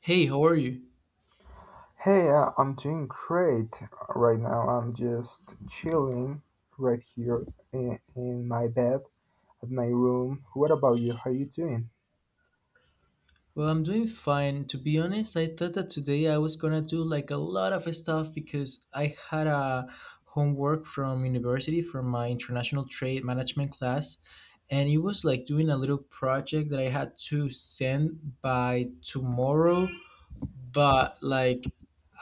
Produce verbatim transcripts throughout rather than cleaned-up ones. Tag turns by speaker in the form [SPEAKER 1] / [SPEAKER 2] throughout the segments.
[SPEAKER 1] Hey, how are you?
[SPEAKER 2] Hey, uh, I'm doing great right now. I'm just chilling right here in, in my bed at my room. What about you? How you doing?
[SPEAKER 1] Well, I'm doing fine. To be honest, I thought that today I was gonna do like a lot of stuff because I had a homework from university from my international trade management class, and it was like doing a little project that I had to send by tomorrow. But like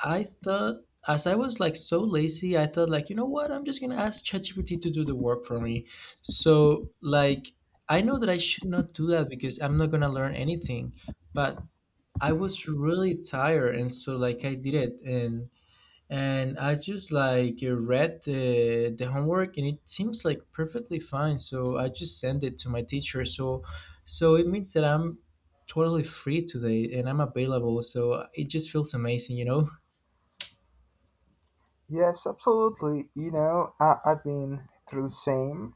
[SPEAKER 1] I thought as I was like so lazy, I thought like, you know what? I'm just gonna ask ChatGPT to do the work for me. So like I know that I should not do that because I'm not gonna learn anything, but I was really tired and so like I did it and and I just like read the the homework and it seems like perfectly fine. So I just sent it to my teacher. So so it means that I'm totally free today and I'm available. So it just feels amazing, you know?
[SPEAKER 2] Yes, absolutely. You know, I, I've been through the same.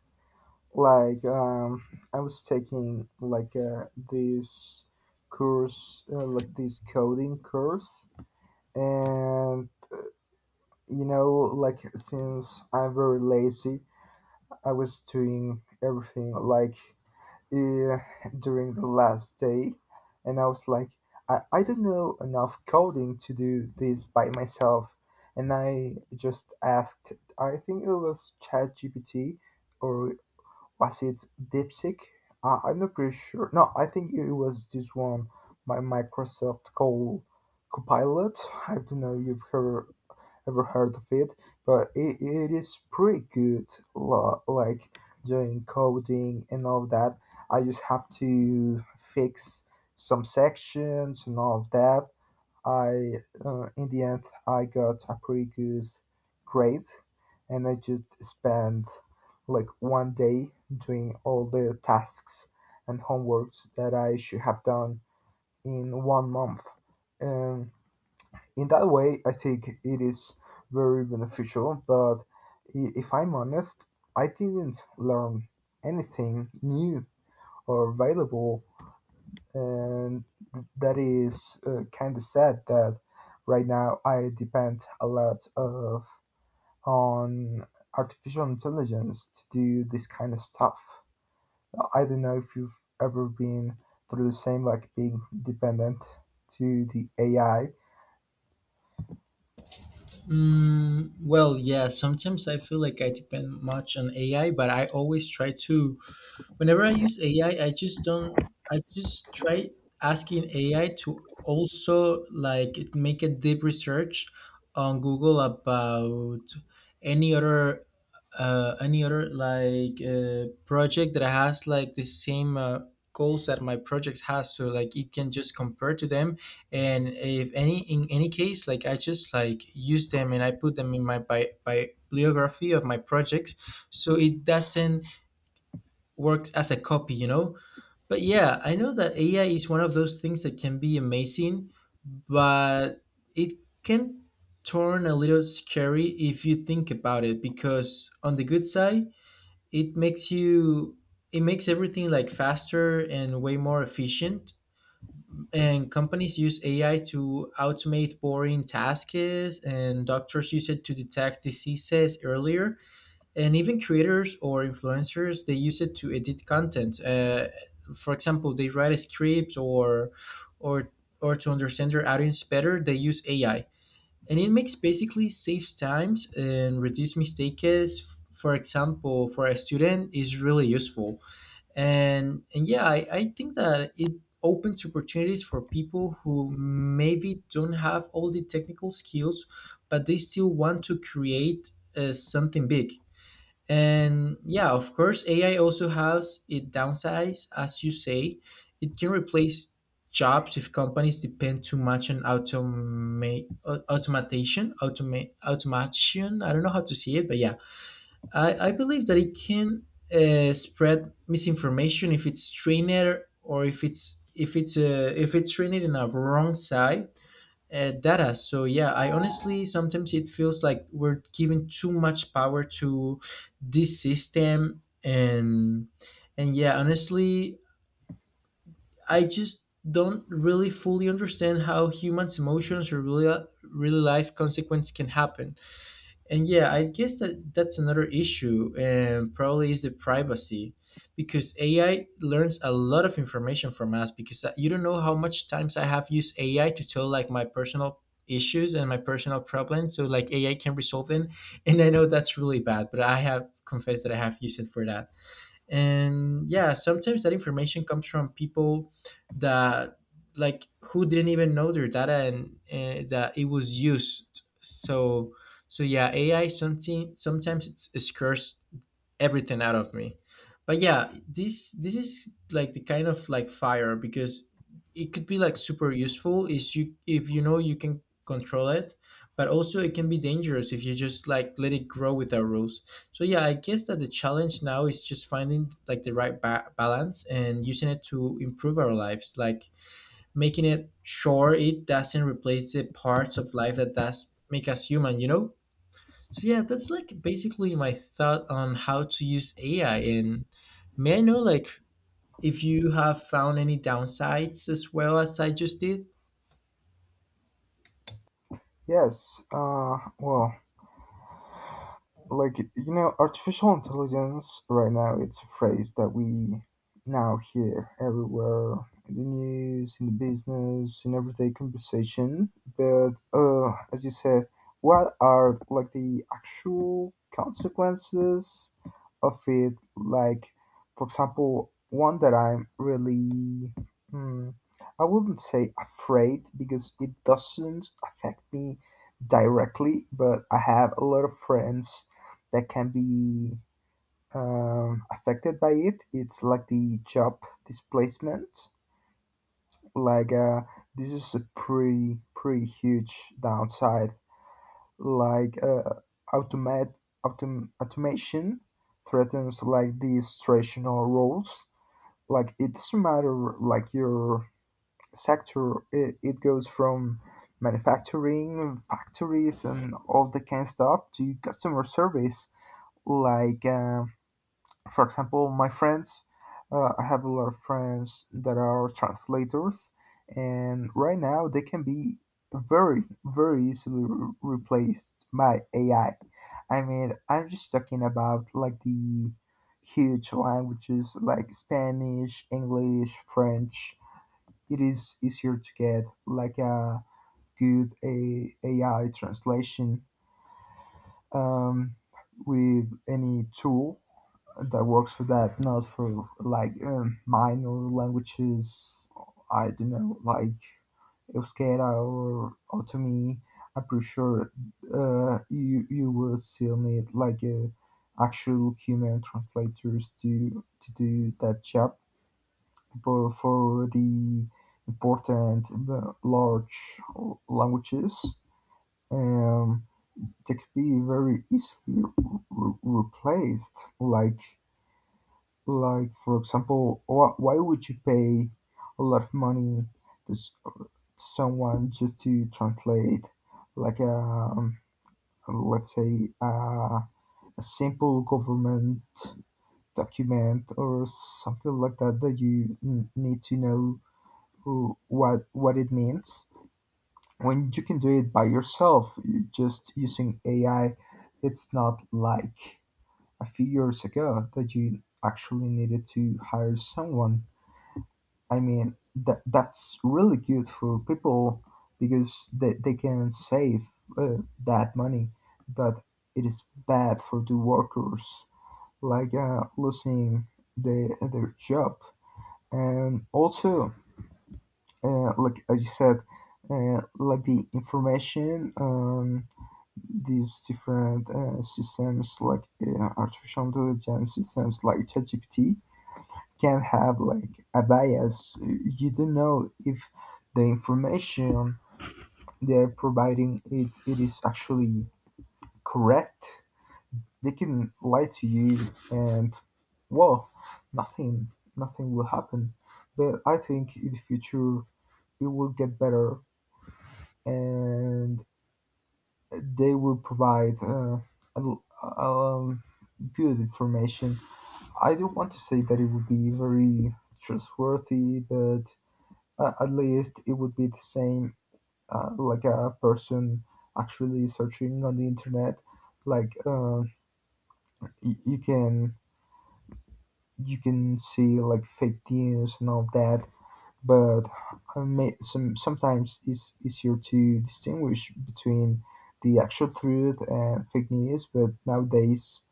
[SPEAKER 2] Like, um, I was taking like uh, this course, uh, like this coding course, and you know, like since I'm very lazy, I was doing everything like uh, during the last day and I was like I, I don't know enough coding to do this by myself and I just asked, I think it was chat gpt or was it DeepSeek? I, i'm not pretty sure. No, I think it was this one by Microsoft called Copilot. I don't know if you've heard ever heard of it, but it, it is pretty good. lo- Like doing coding and all that. I just have to fix some sections and all of that. I uh, in the end I got a pretty good grade, and I just spent like one day doing all the tasks and homeworks that I should have done in one month. Um, in that way, I think it is very beneficial. But i- if I'm honest, I didn't learn anything new or valuable, and that is uh, kind of sad. That right now I depend a lot of on artificial intelligence to do this kind of stuff. I don't know if you've ever been through the same, like being dependent to the A I.
[SPEAKER 1] Mm, well, yeah, sometimes I feel like I depend much on A I, but I always try to. Whenever I use A I, I I just don't. I just try asking A I to also like make a deep research on Google about any other uh, any other like uh, project that has like the same uh, goals that my projects has so like it can just compare to them and if any in any case like I just like use them and I put them in my bi- bi- bibliography of my projects so it doesn't works as a copy, you know? But yeah, I know that A I is one of those things that can be amazing, but it can turn a little scary if you think about it because on the good side, it makes you it makes everything like faster and way more efficient and companies use A I to automate boring tasks and doctors use it to detect diseases earlier and even creators or influencers they use it to edit content uh, for example they write a script or or or to understand their audience better they use AI and it makes basically saves times and reduce mistakes for example for a student is really useful and and yeah i, I think that it opens opportunities for people who maybe don't have all the technical skills but they still want to create uh, something big. And yeah, of course, A I also has its downsides, as you say. It can replace jobs if companies depend too much on automa- au- automation, automa- automation. I don't know how to say it, but yeah, I, I believe that it can uh, spread misinformation if it's trained or if it's if it's uh, if it's trained in a wrong side uh, data. So yeah, I honestly sometimes it feels like we're giving too much power to this system, and and yeah, honestly, I just don't really fully understand how humans' emotions or real real life consequence can happen. And yeah, I guess that that's another issue and probably is the privacy because AI learns a lot of information from us because I- you don't know how much times I have used AI to tell like my personal issues and my personal problems so like AI can resolve them. And I know that's really bad but I have confessed that I have used it for that. And yeah, sometimes that information comes from people that like who didn't even know their data and, and that it was used. So so yeah, AI something sometimes it's a scarce everything out of me. But yeah, this this is like the kind of like fire because it could be like super useful is you if you know you can control it, but also it can be dangerous if you just like let it grow without rules. So yeah, I guess that the challenge now is just finding like the right ba- balance and using it to improve our lives, like making it sure it doesn't replace the parts of life that does make us human, you know? So yeah, that's like basically my thought on how to use A I. And may I know like if you have found any downsides as well as I just did?
[SPEAKER 2] Yes. Uh, well, like you know artificial intelligence right now it's a phrase that we now hear everywhere, in the news, in the business, in everyday conversation, but uh, as you said, what are like the actual consequences of it? Like, for example, one that I'm really hmm, I wouldn't say afraid because it doesn't affect me directly, but I have a lot of friends that can be um, affected by it. It's like the job displacement. Like uh, this is a pretty pretty huge downside. Like uh, automat autom- Automation threatens like these traditional roles. Like it doesn't matter like your sector. It, it goes from manufacturing factories and all the kind of stuff to customer service, like um, for example, my friends, uh, I have a lot of friends that are translators, and right now they can be very, very easily re- replaced by A I. I I mean, I'm just talking about like the huge languages like Spanish, English, French. It is easier to get like a good a- AI translation um, with any tool that works for that, not for like um, minor languages. I don't know, like Euskera or Otomi. I'm pretty sure uh, you you will still need like a actual human translators to to do that job. But for the important uh, large languages, um, they could be very easily re- replaced. Like like, for example, wh- why would you pay a lot of money to s- someone just to translate, like, um, let's say, uh, a simple government document or something like that that you n- need to know who- what what it means when you can do it by yourself, just using A I. It's not like a few years ago that you actually needed to hire someone. I mean, that that's really good for people because they, they can save uh, that money, but it is bad for the workers, like uh, losing the, their job. And also, uh, like as you said, uh, like the information, um, these different uh, systems like uh, artificial intelligence systems like ChatGPT, can have like a bias. You don't know if the information they're providing it, it is actually correct. They can lie to you, and well, nothing nothing will happen. But I think in the future it will get better and they will provide uh, a- um, good information. I don't want to say that it will be very trustworthy, but uh, at least it would be the same uh, like a person actually searching on the internet. Like uh, y- you can you can see like fake news and all that, but I may, some sometimes it's easier to distinguish between the actual truth and fake news. But nowadays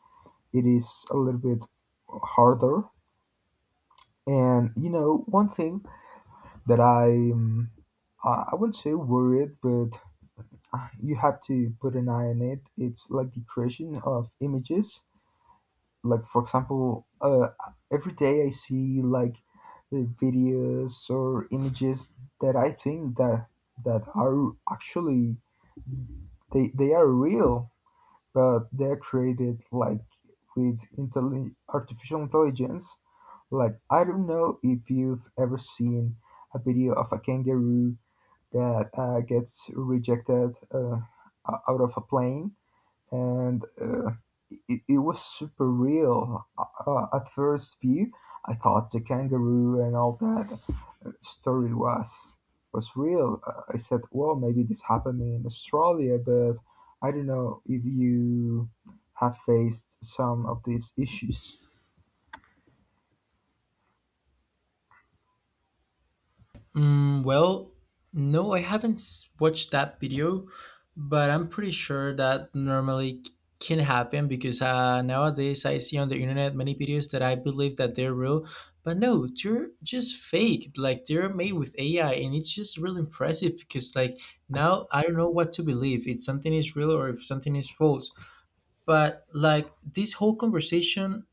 [SPEAKER 2] it is a little bit harder. And you know one thing that I um, I I wouldn't say worried, but uh, you have to put an eye on it. It's like the creation of images. Like for example, uh, every day I see like uh, videos or images that I think that that are actually they they are real, but they're created like with intelli- artificial intelligence. Like I don't know if you've ever seen a video of a kangaroo that uh, gets rejected uh, o- out of a plane and uh, it, it was super real. Uh, uh, at first view, I thought the kangaroo and all that story was was real. Uh, I said, well, maybe this happened in Australia, but I don't know if you have faced some of these issues.
[SPEAKER 1] Mm, well, no, I haven't s- watched that video, but I'm pretty sure that normally c- can happen because uh, nowadays I see on the internet many videos that I believe that they're real, but no, they're just fake. Like they're made with A I, and it's just really impressive because like now I don't know what to believe, if something is real or if something is false. But like this whole conversation,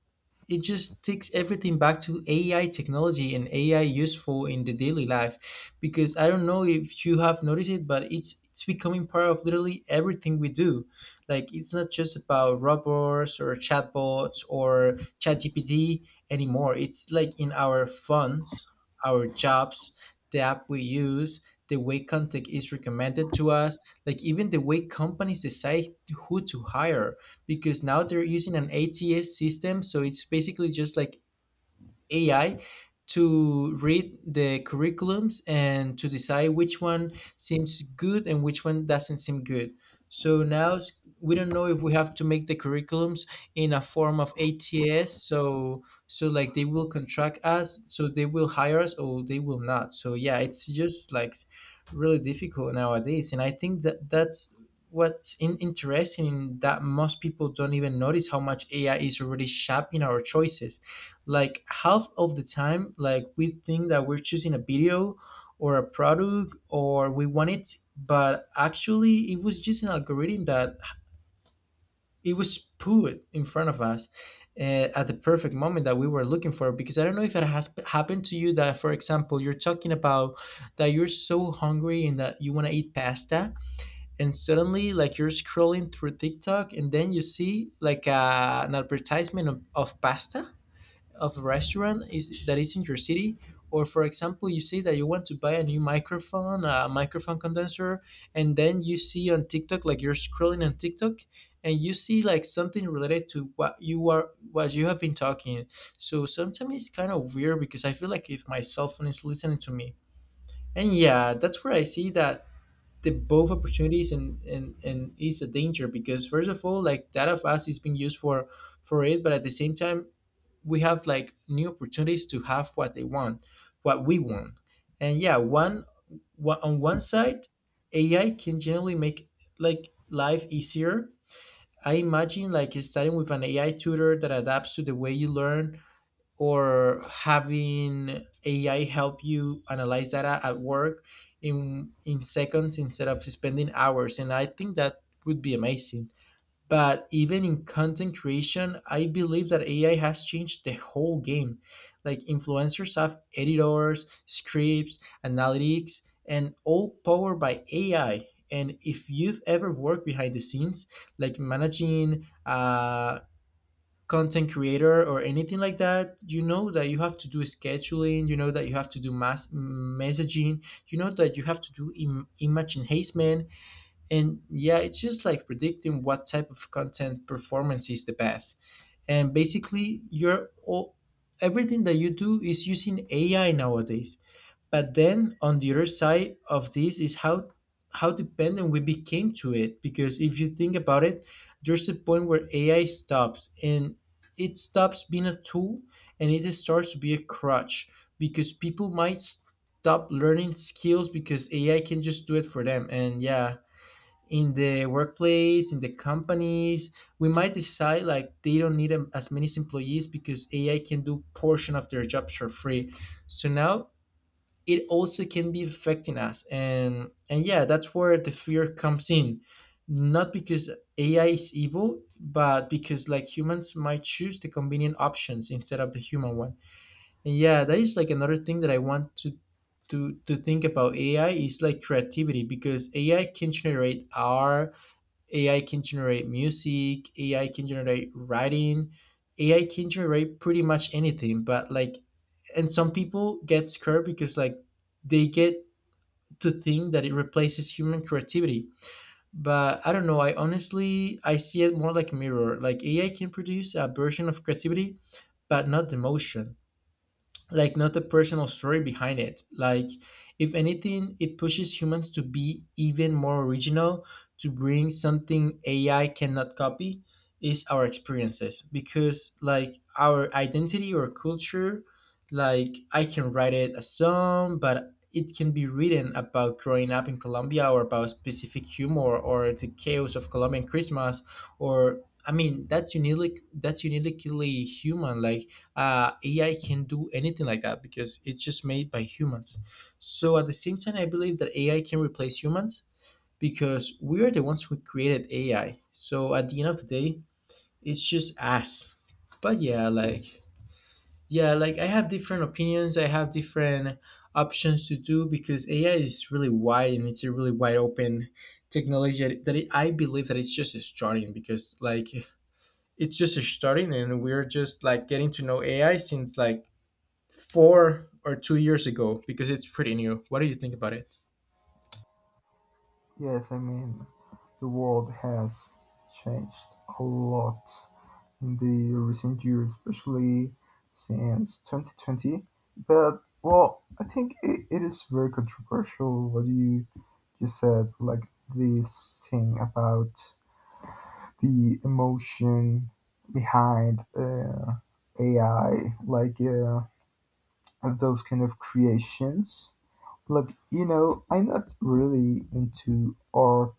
[SPEAKER 1] it just takes everything back to A I technology and A I useful in the daily life. Because I don't know if you have noticed it, but it's it's becoming part of literally everything we do. Like it's not just about robots or chatbots or ChatGPT anymore. It's like in our phones, our jobs, the app we use, the way content is recommended to us, like even the way companies decide who to hire because now they're using an A T S system. So it's basically just like A I to read the curriculums and to decide which one seems good and which one doesn't seem good. So now s- we don't know if we have to make the curriculums in a form of A T S. So so like they will contract us, so they will hire us or they will not. So yeah, it's just like really difficult nowadays, and I think that that's what's in- interesting in that most people don't even notice how much A I is already shaping our choices, like half of the time like we think that we're choosing a video or a product or we want it but actually it was just an algorithm that it was put in front of us uh, at the perfect moment that we were looking for. Because I don't know if it has happened to you that for example you're talking about that you're so hungry and that you want to eat pasta and suddenly like you're scrolling through TikTok and then you see like uh, an advertisement of, of pasta of a restaurant is, that is in your city. Or for example you see that you want to buy a new microphone, a microphone condenser, and then you see on TikTok like you're scrolling on TikTok and you see like something related to what you are what you have been talking. So sometimes it's kind of weird because I feel like if my cell phone is listening to me. And yeah, that's where I see that the both opportunities and and and is a danger because first of all like that of us is being used for for it but at the same time we have like new opportunities to have what they want, what we want. And yeah, one, one on one side, A I can generally make like life easier. I imagine like starting with an A I tutor that adapts to the way you learn or having A I help you analyze data at work in in seconds instead of spending hours. And I think that would be amazing. But even in content creation, I believe that A I has changed the whole game. Like influencers have editors, scripts, analytics, and all powered by A I. And if you've ever worked behind the scenes, like managing a content creator or anything like that, you know that you have to do scheduling, you know that you have to do mass messaging, you know that you have to do Im- image enhancement, and yeah, it's just like predicting what type of content performance is the best. And basically, you're all, everything that you do is using A I nowadays. But then on the other side of this is how how dependent we became to it. Because if you think about it, there's a point where A I stops and it stops being a tool and it starts to be a crutch because people might stop learning skills because A I can just do it for them. And yeah, in the workplace in the companies we might decide like they don't need em- as many employees because AI can do portion of their jobs for free. So now it also can be affecting us. And and yeah, that's where the fear comes in, not because AI is evil but because like humans might choose the convenient options instead of the human one. And yeah, that is like another thing that I want to to to think about. A I is like creativity because A I can generate art, A I can generate music, A I can generate writing, A I can generate pretty much anything. But like, and some people get scared because like they get to think that it replaces human creativity. But I don't know, I honestly I see it more like a mirror. Like A I can produce a version of creativity, but not the emotion, like not a personal story behind it. Like, if anything, it pushes humans to be even more original, to bring something A I cannot copy is our experiences because like our identity or culture. Like I can write it a song, but it can be written about growing up in Colombia or about specific humor or the chaos of Colombian Christmas. Or I mean that's uniquely that's uniquely human, like uh, A I can do anything like that because it's just made by humans. So at the same time, I believe that A I can replace humans because we are the ones who created A I. So at the end of the day, it's just us. But yeah, like yeah, like I have different opinions. I have different options to do because A I is really wide, and it's a really wide open technology that it, I believe that it's just starting because like it's just starting and we're just like getting to know A I since like four or two years ago because it's pretty new. What do you think about it?
[SPEAKER 2] Yes, I mean the world has changed a lot in the recent years, especially since twenty twenty. But well, I think it, it is very controversial what you just said, like this thing about the emotion behind uh, A I, like uh, those kind of creations. Like you know, I'm not really into art,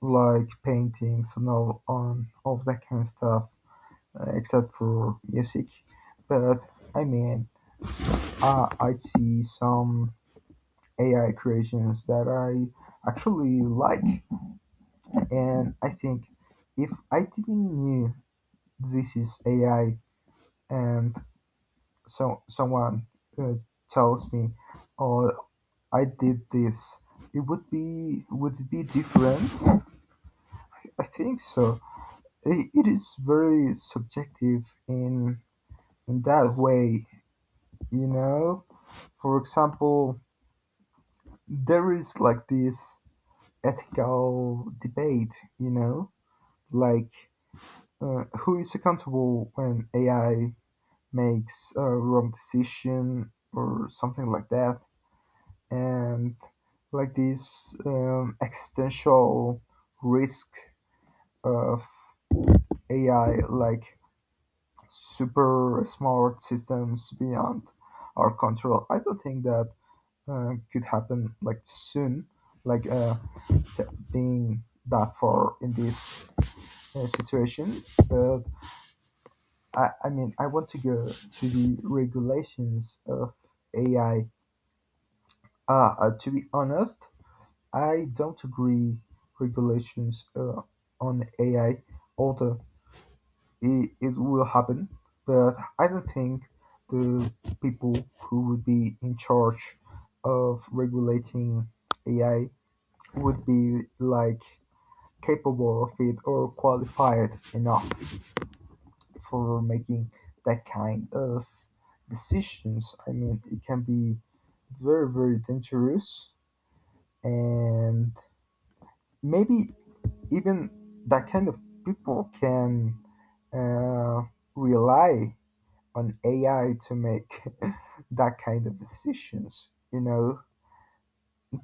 [SPEAKER 2] like paintings and all on all that kind of stuff, uh, except for music. But I mean, uh, I see some A I creations that I actually like, and I think if I didn't knew this is A I and so someone uh, tells me, "Oh, I did this," it would be would it be different? I think so. I- It is very subjective in in that way, you know. For example, there is like this ethical debate, you know, like uh, who is accountable when A I makes a wrong decision or something like that, and like this um, existential risk of A I, like super smart systems beyond our control. I don't think that uh, could happen like soon. Like uh, being that far in this uh, situation, but I, I mean, I want to go to the regulations of A I. Uh, uh, to be honest, I don't agree regulations uh, on A I, although it, it will happen, but I don't think the people who would be in charge of regulating A I would be like capable of it or qualified enough for making that kind of decisions. I mean, it can be very, very dangerous, and maybe even that kind of people can uh, rely on A I to make that kind of decisions. You know,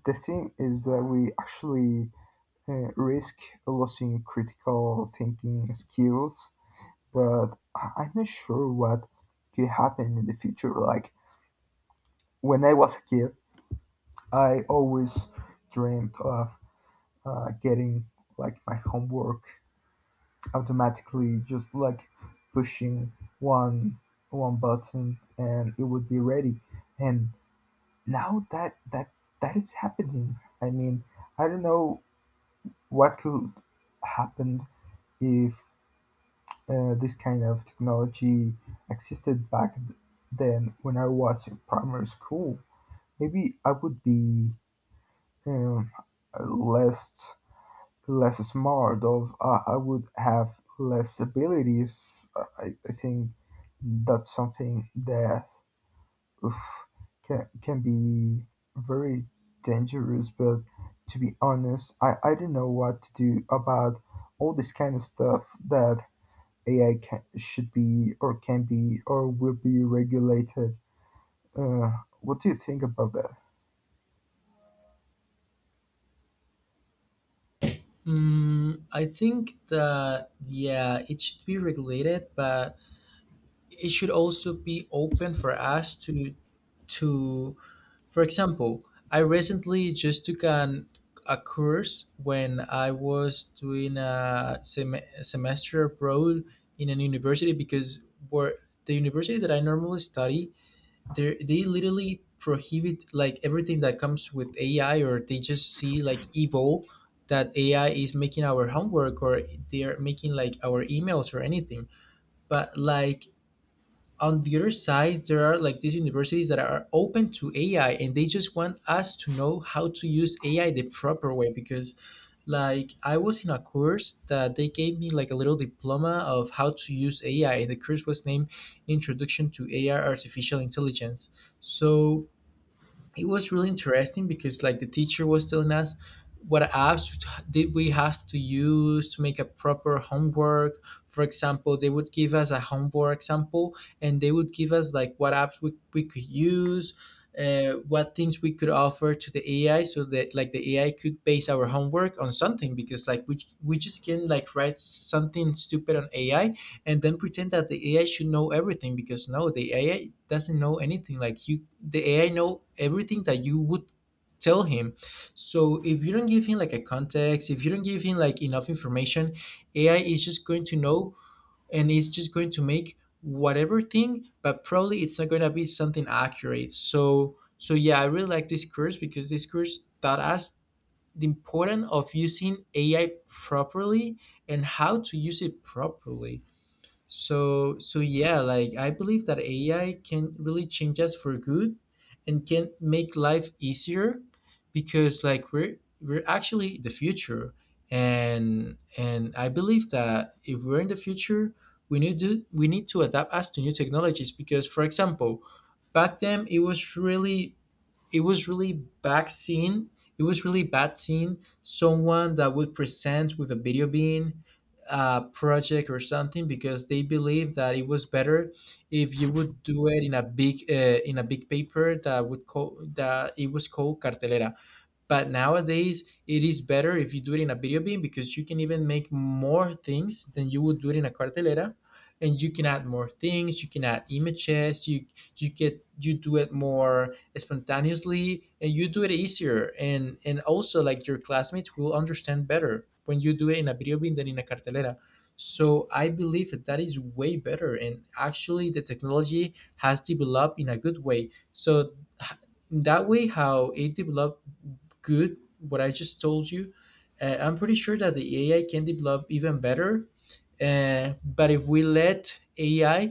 [SPEAKER 2] the thing is that we actually uh, risk losing critical thinking skills, but I- I'm not sure what could happen in the future. Like, when I was a kid, I always dreamed of uh, getting like my homework automatically, just like pushing one one button and it would be ready. And now that that that is happening. I mean, I don't know what could happen if uh, this kind of technology existed back then when I was in primary school. Maybe I would be um, less less smart of uh, I would have less abilities. I, I think that's something that oof, can can be very dangerous. But to be honest, I, I don't know what to do about all this kind of stuff that A I can, should be or can be or will be regulated. Uh, what do you think about that?
[SPEAKER 1] Mm, I think that, yeah, it should be regulated, but it should also be open for us to, to, for example, I recently just took an, a course when I was doing a sem- semester abroad in an university because where the university that I normally study, they they literally prohibit like everything that comes with A I, or they just see like evil that A I is making our homework, or they are making like our emails or anything. But like on the other side, there are like these universities that are open to A I, and they just want us to know how to use A I the proper way. Because like I was in a course that they gave me like a little diploma of how to use A I, and the course was named Introduction to A I Artificial Intelligence. So it was really interesting because like the teacher was telling us what apps did we have to use to make a proper homework. For example, they would give us a homework example and they would give us like what apps we, we could use, uh, what things we could offer to the AI so that like the AI could base our homework on something, because like we, we just can like write something stupid on AI and then pretend that the A I should know everything, because no, the A I doesn't know anything. Like you, the A I know everything that you would tell him. So if you don't give him like a context, if you don't give him like enough information, A I is just going to know, and it's just going to make whatever thing, but probably it's not going to be something accurate. So so yeah, I really like this course because this course taught us the importance of using A I properly and how to use it properly. So so yeah, like I believe that A I can really change us for good and can make life easier, because like we're we're actually the future, and and I believe that if we're in the future, we need to we need to adapt us to new technologies. Because for example, back then it was really, it was really bad scene. It was really bad scene. Someone that would present with a video being a project or something, because they believe that it was better if you would do it in a big uh, in a big paper that would call that it was called cartelera. But nowadays it is better if you do it in a video beam, because you can even make more things than you would do it in a cartelera, and you can add more things, you can add images, you you get you do it more spontaneously, and you do it easier, and and also like your classmates will understand better when you do it in a video beam than in a cartelera. So I believe that that is way better, and actually the technology has developed in a good way. So h- in that way how it developed good what I just told you, uh, I'm pretty sure that the AI can develop even better. Uh, but if we let AI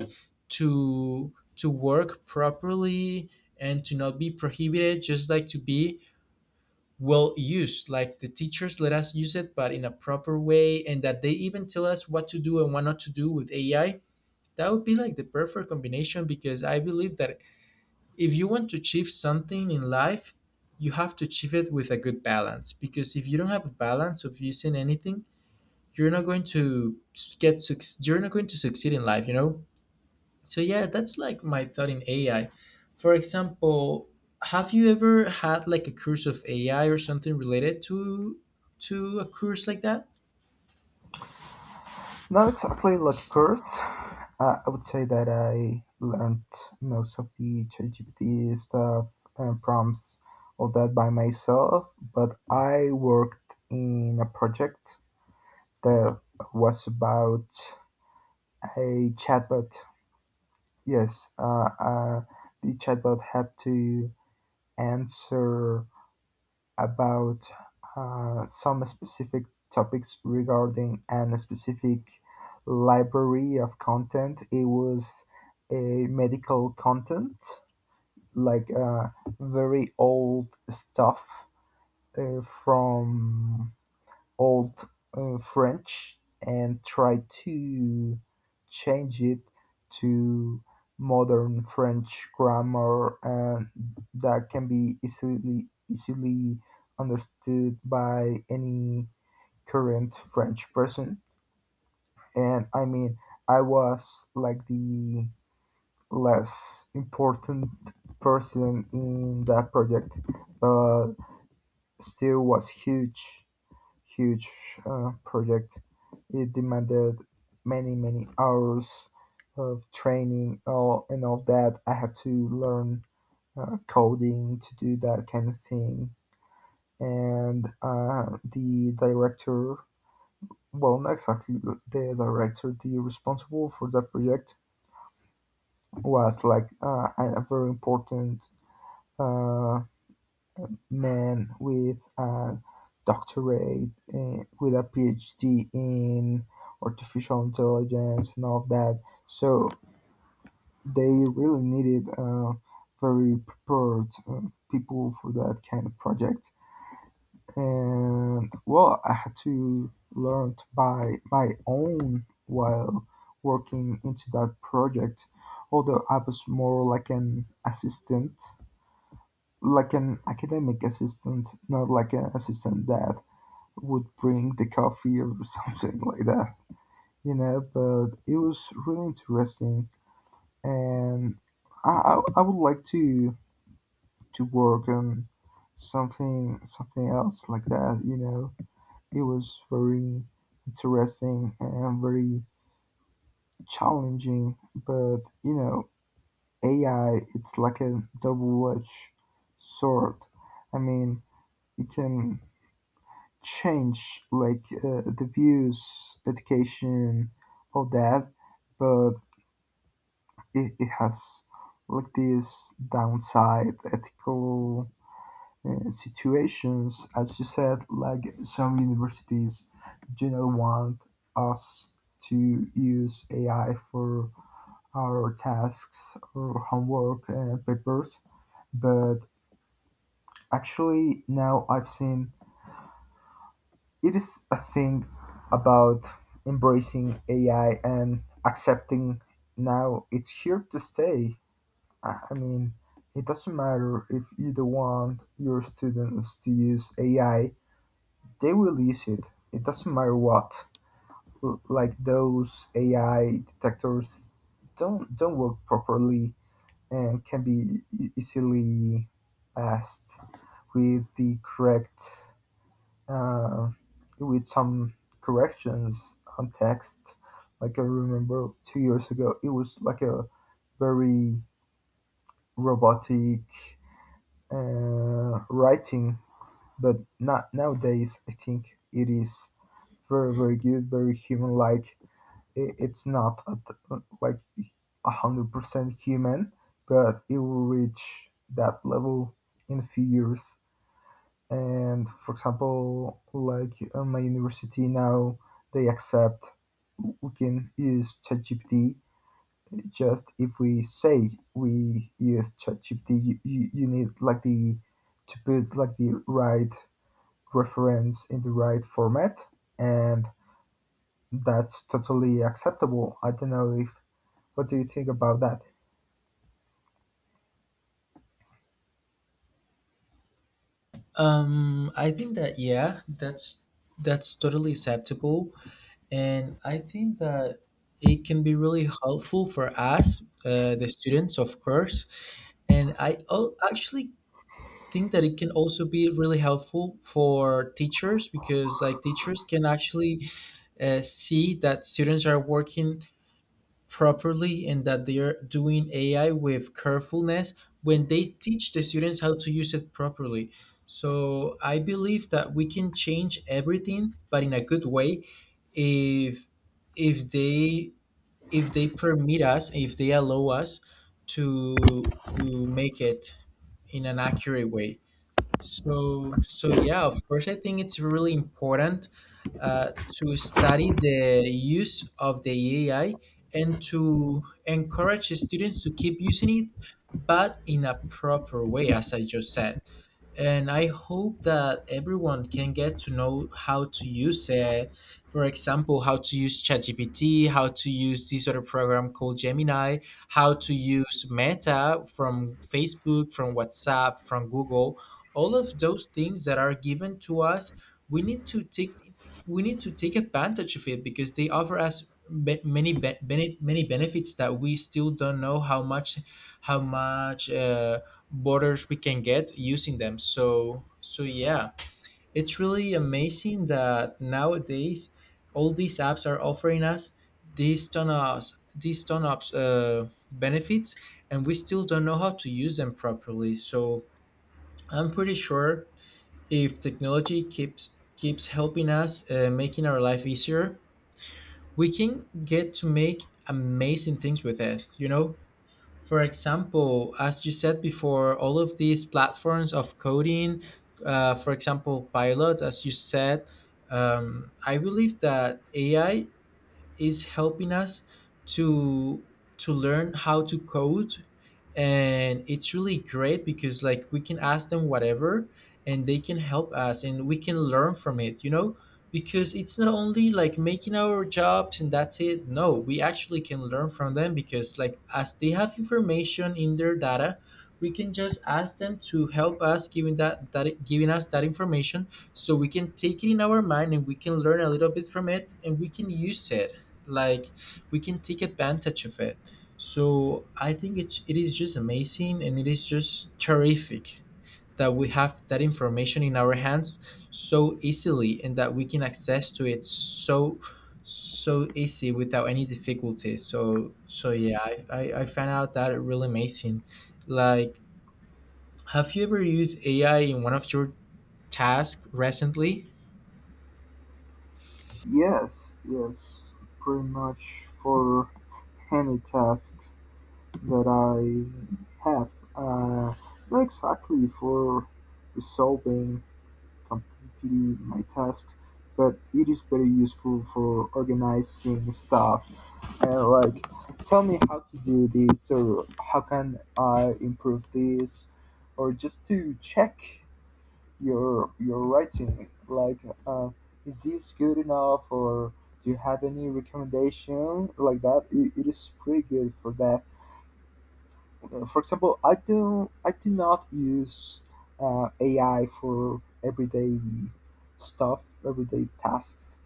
[SPEAKER 1] to to work properly, and to not be prohibited, just like to be well used, like the teachers let us use it but in a proper way, and that they even tell us what to do and what not to do with AI. That would be like the perfect combination, because I believe that if you want to achieve something in life, you have to achieve it with a good balance. Because if you don't have a balance of using anything, you're not going to get suc- you're not going to succeed in life. You know. So yeah, that's like my thought in A I. For example, have you ever had like a course of A I or something related to to a course like that?
[SPEAKER 2] Not exactly like a curse. Uh, I would say that I learned most of the ChatGPT stuff and prompts, all that by myself, but I worked in a project that was about a chatbot. Yes, uh, uh, the chatbot had to answer about uh, some specific topics regarding a specific library of content. It was a medical content, like uh, very old stuff uh, from Old uh, French and try to change it to modern French grammar and that can be easily easily understood by any current French person. And I mean, I was like the less important person in that project, but still was huge huge uh, project. It demanded many many hours of training all, and all that. I had to learn uh, coding to do that kind of thing. And uh, the director, well, not exactly the director, the responsible for that project was like uh, a very important uh, man with a doctorate uh, with a P H D in artificial intelligence and all of that. So they really needed uh, very prepared uh, people for that kind of project. And well, I had to learn by my own while working into that project. Although I was more like an assistant, like an academic assistant, not like an assistant dad would bring the coffee or something like that, you know. But it was really interesting, and I, I, I would like to to work on something something else like that, you know. It was very interesting and very challenging, but you know, A I it's like a double-edged sword. I mean, it can change like uh, the views, education, all that, but it, it has like this downside ethical uh, situations, as you said, like some universities do not want us to use A I for our tasks or homework and papers, but actually now I've seen it is a thing about embracing A I and accepting now it's here to stay. I I mean, it doesn't matter if you don't want your students to use A I, they will use it. It doesn't matter what. L- Like those A I detectors don't don't work properly and can be e- easily passed with the correct uh, with some corrections on text. Like I remember two years ago, it was like a very robotic uh, writing, but not nowadays. I think it is very, very good, very human-like. I- It's not at, uh, like a hundred percent human, but it will reach that level in a few years. And for example like on my university now they accept we can use ChatGPT just if we say we use ChatGPT you, you, you need like the to put like the right reference in the right format, and that's totally acceptable. I don't know if what do you think about that?
[SPEAKER 1] Um, I think that yeah, that's that's totally acceptable. And I think that it can be really helpful for us, uh, the students, of course. And I al- actually think that it can also be really helpful for teachers because, like, teachers can actually uh, see that students are working properly and that they are doing A I with carefulness when they teach the students how to use it properly. So I believe that we can change everything, but in a good way, if if they if they permit us, if they allow us to to make it in an accurate way. So, so yeah, of course, I think it's really important uh, to study the use of the A I and to encourage students to keep using it, but in a proper way, as I just said. And I hope that everyone can get to know how to use it. For example, how to use ChatGPT, how to use this other program called Gemini, how to use Meta, from Facebook, from WhatsApp, from Google. All of those things that are given to us, we need to take we need to take advantage of it, because they offer us be- many be- many many benefits that we still don't know how much, how much uh, borders we can get using them. So so yeah, it's really amazing that nowadays all these apps are offering us these ton of these ton of uh, benefits, and we still don't know how to use them properly. So I'm pretty sure if technology keeps keeps helping us, uh, making our life easier, we can get to make amazing things with it, you know. For example, as you said before, all of these platforms of coding, uh, for example pilot, as you said, um, I believe that AI is helping us to to learn how to code, and it's really great because like we can ask them whatever and they can help us, and we can learn from it, you know. Because it's not only like making our jobs and that's it, no, we actually can learn from them, because like as they have information in their data, we can just ask them to help us giving that, that giving us that information, so we can take it in our mind and we can learn a little bit from it and we can use it, like we can take advantage of it. So I think it's it is just amazing, and it is just terrific that we have that information in our hands so easily, and that we can access to it so so easy without any difficulty. So so yeah, i i, I found out that really amazing. Like have you ever used AI in one of your tasks recently?
[SPEAKER 2] Yes, yes, pretty much for any tasks that I have. uh, Not exactly for resolving completely my tasks, but it is very useful for organizing stuff and like tell me how to do this or how can I improve this or just to check your your writing, like uh, is this good enough or do you have any recommendation like that? It, it is pretty good for that. Uh, for example, I do I do not use uh, A I for everyday stuff, everyday tasks,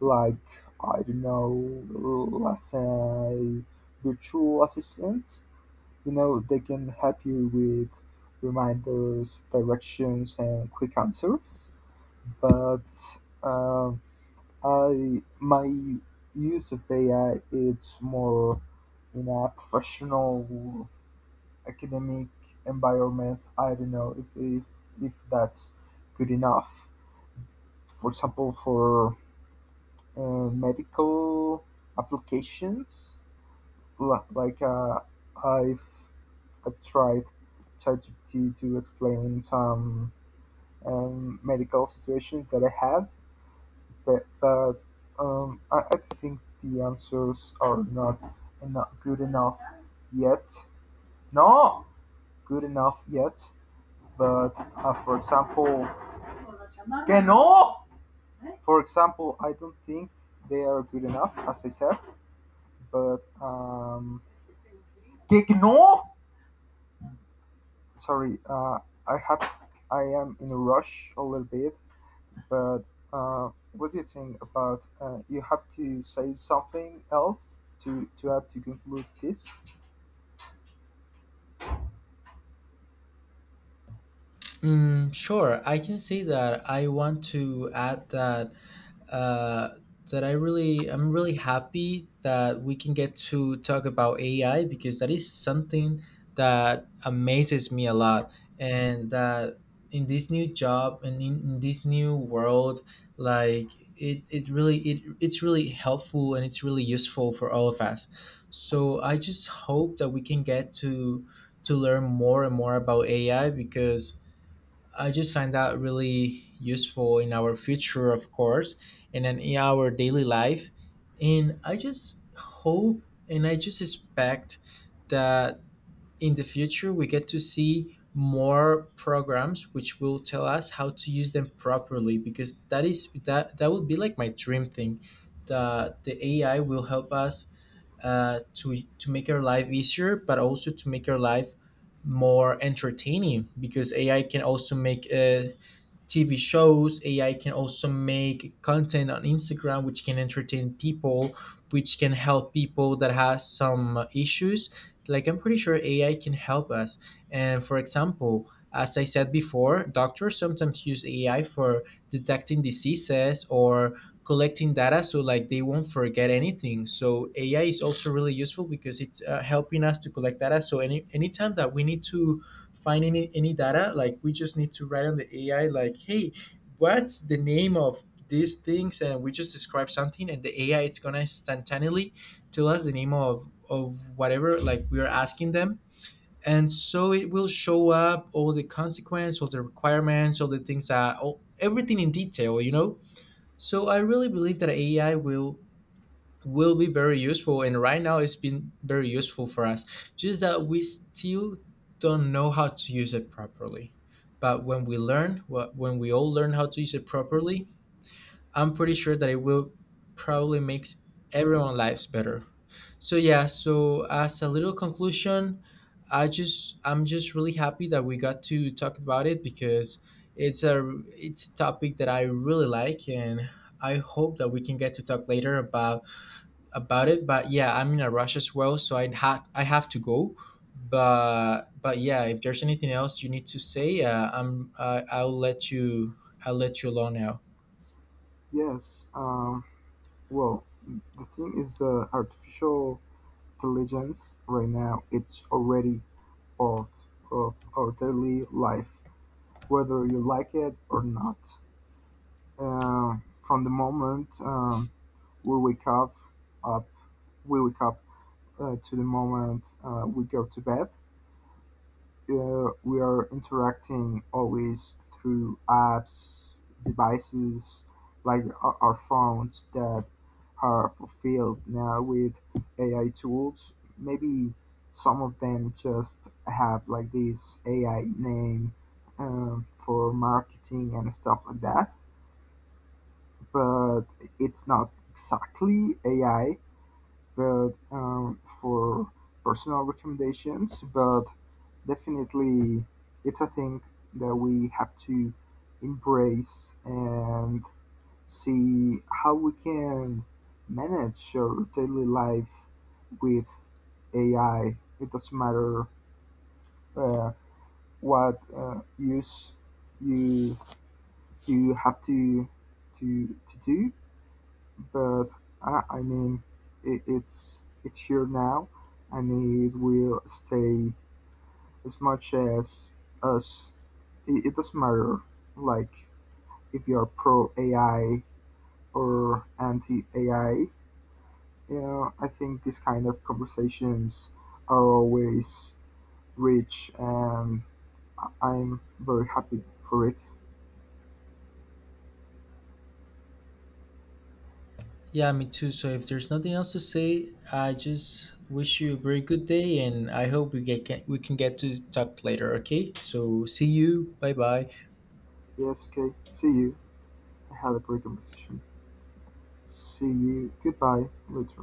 [SPEAKER 2] like I don't know, let's say virtual assistants. You know, they can help you with reminders, directions, and quick answers. But um I my use of A I it's more in a professional academic environment. I don't know if if, if that's good enough. For example, for uh, medical applications, li- like uh, I've I tried ChatGPT to explain some um, medical situations that I had, but, but um, I, I think the answers are not enough good enough yet. No, good enough yet. But uh, for example, que no! For example, I don't think they are good enough, as I said, but um, que no! Sorry, uh, I have. I am in a rush a little bit, but uh, what do you think about uh, you have to say something else to to add to conclude this?
[SPEAKER 1] Mm, sure. I can say that I want to add that uh, that I really I'm really happy that we can get to talk about A I, because that is something that amazes me a lot, and that in this new job, and in, in this new world, like it, it really it, it's really helpful and it's really useful for all of us. So I just hope that we can get to to learn more and more about AI, because I just find that really useful in our future, of course, and then in our daily life. And I just hope and I just expect that in the future we get to see more programs which will tell us how to use them properly, because that is that that would be like my dream thing, that the A I will help us uh, to to make your life easier, but also to make your life more entertaining, because A I can also make uh, T V shows. A I can also make content on Instagram, which can entertain people, which can help people that has some issues. Like I'm pretty sure A I can help us. And for example, as I said before, doctors sometimes use A I for detecting diseases or collecting data, so like they won't forget anything. So AI is also really useful because it's uh, helping us to collect data, so any anytime that we need to find any any data, like we just need to write on the AI like hey, what's the name of these things, and we just describe something, and the AI it's gonna instantaneously tell us the name of of whatever like we are asking them, and so it will show up all the consequence, all the requirements, all the things that all, everything in detail, you know. So I really believe that AI will will be very useful, and right now it's been very useful for us, just that we still don't know how to use it properly. But when we learn wh- when we all learn how to use it properly, I'm pretty sure that it will probably makes everyone lives better. So yeah, so as a little conclusion, I just I'm just really happy that we got to talk about it, because it's a it's a topic that I really like, and I hope that we can get to talk later about about it. But yeah, I'm in a rush as well, so I had I have to go. But but yeah, if there's anything else you need to say, uh, I'm i I'll let you, I'll let you alone now.
[SPEAKER 2] Yes. Um, well, the thing is, uh, artificial intelligence right now it's already part of our daily life, whether you like it or not. Uh, from the moment um, we wake up, up we wake up uh, to the moment uh, we go to bed, uh, we are interacting always through apps, devices like our our phones that are fulfilled now with A I tools. Maybe some of them just have like this A I name um, for marketing and stuff like that, but it's not exactly A I, but um, for personal recommendations, but definitely, it's a thing that we have to embrace and see how we can manage our daily life with A I. It doesn't matter uh, what uh, use you you have to to to do, but I, I mean it, it's it's here now, and it will stay as much as us. It, it doesn't matter, like if you are pro A I or anti A I. You know, I think these kind of conversations are always rich, and I- am very happy for it.
[SPEAKER 1] Yeah, me too. So if there's nothing else to say, I just wish you a very good day, and I hope we get can, we can get to talk later, okay? So see you. Bye-bye.
[SPEAKER 2] Yes, okay. See you. I had a great conversation. See you. Goodbye. Later.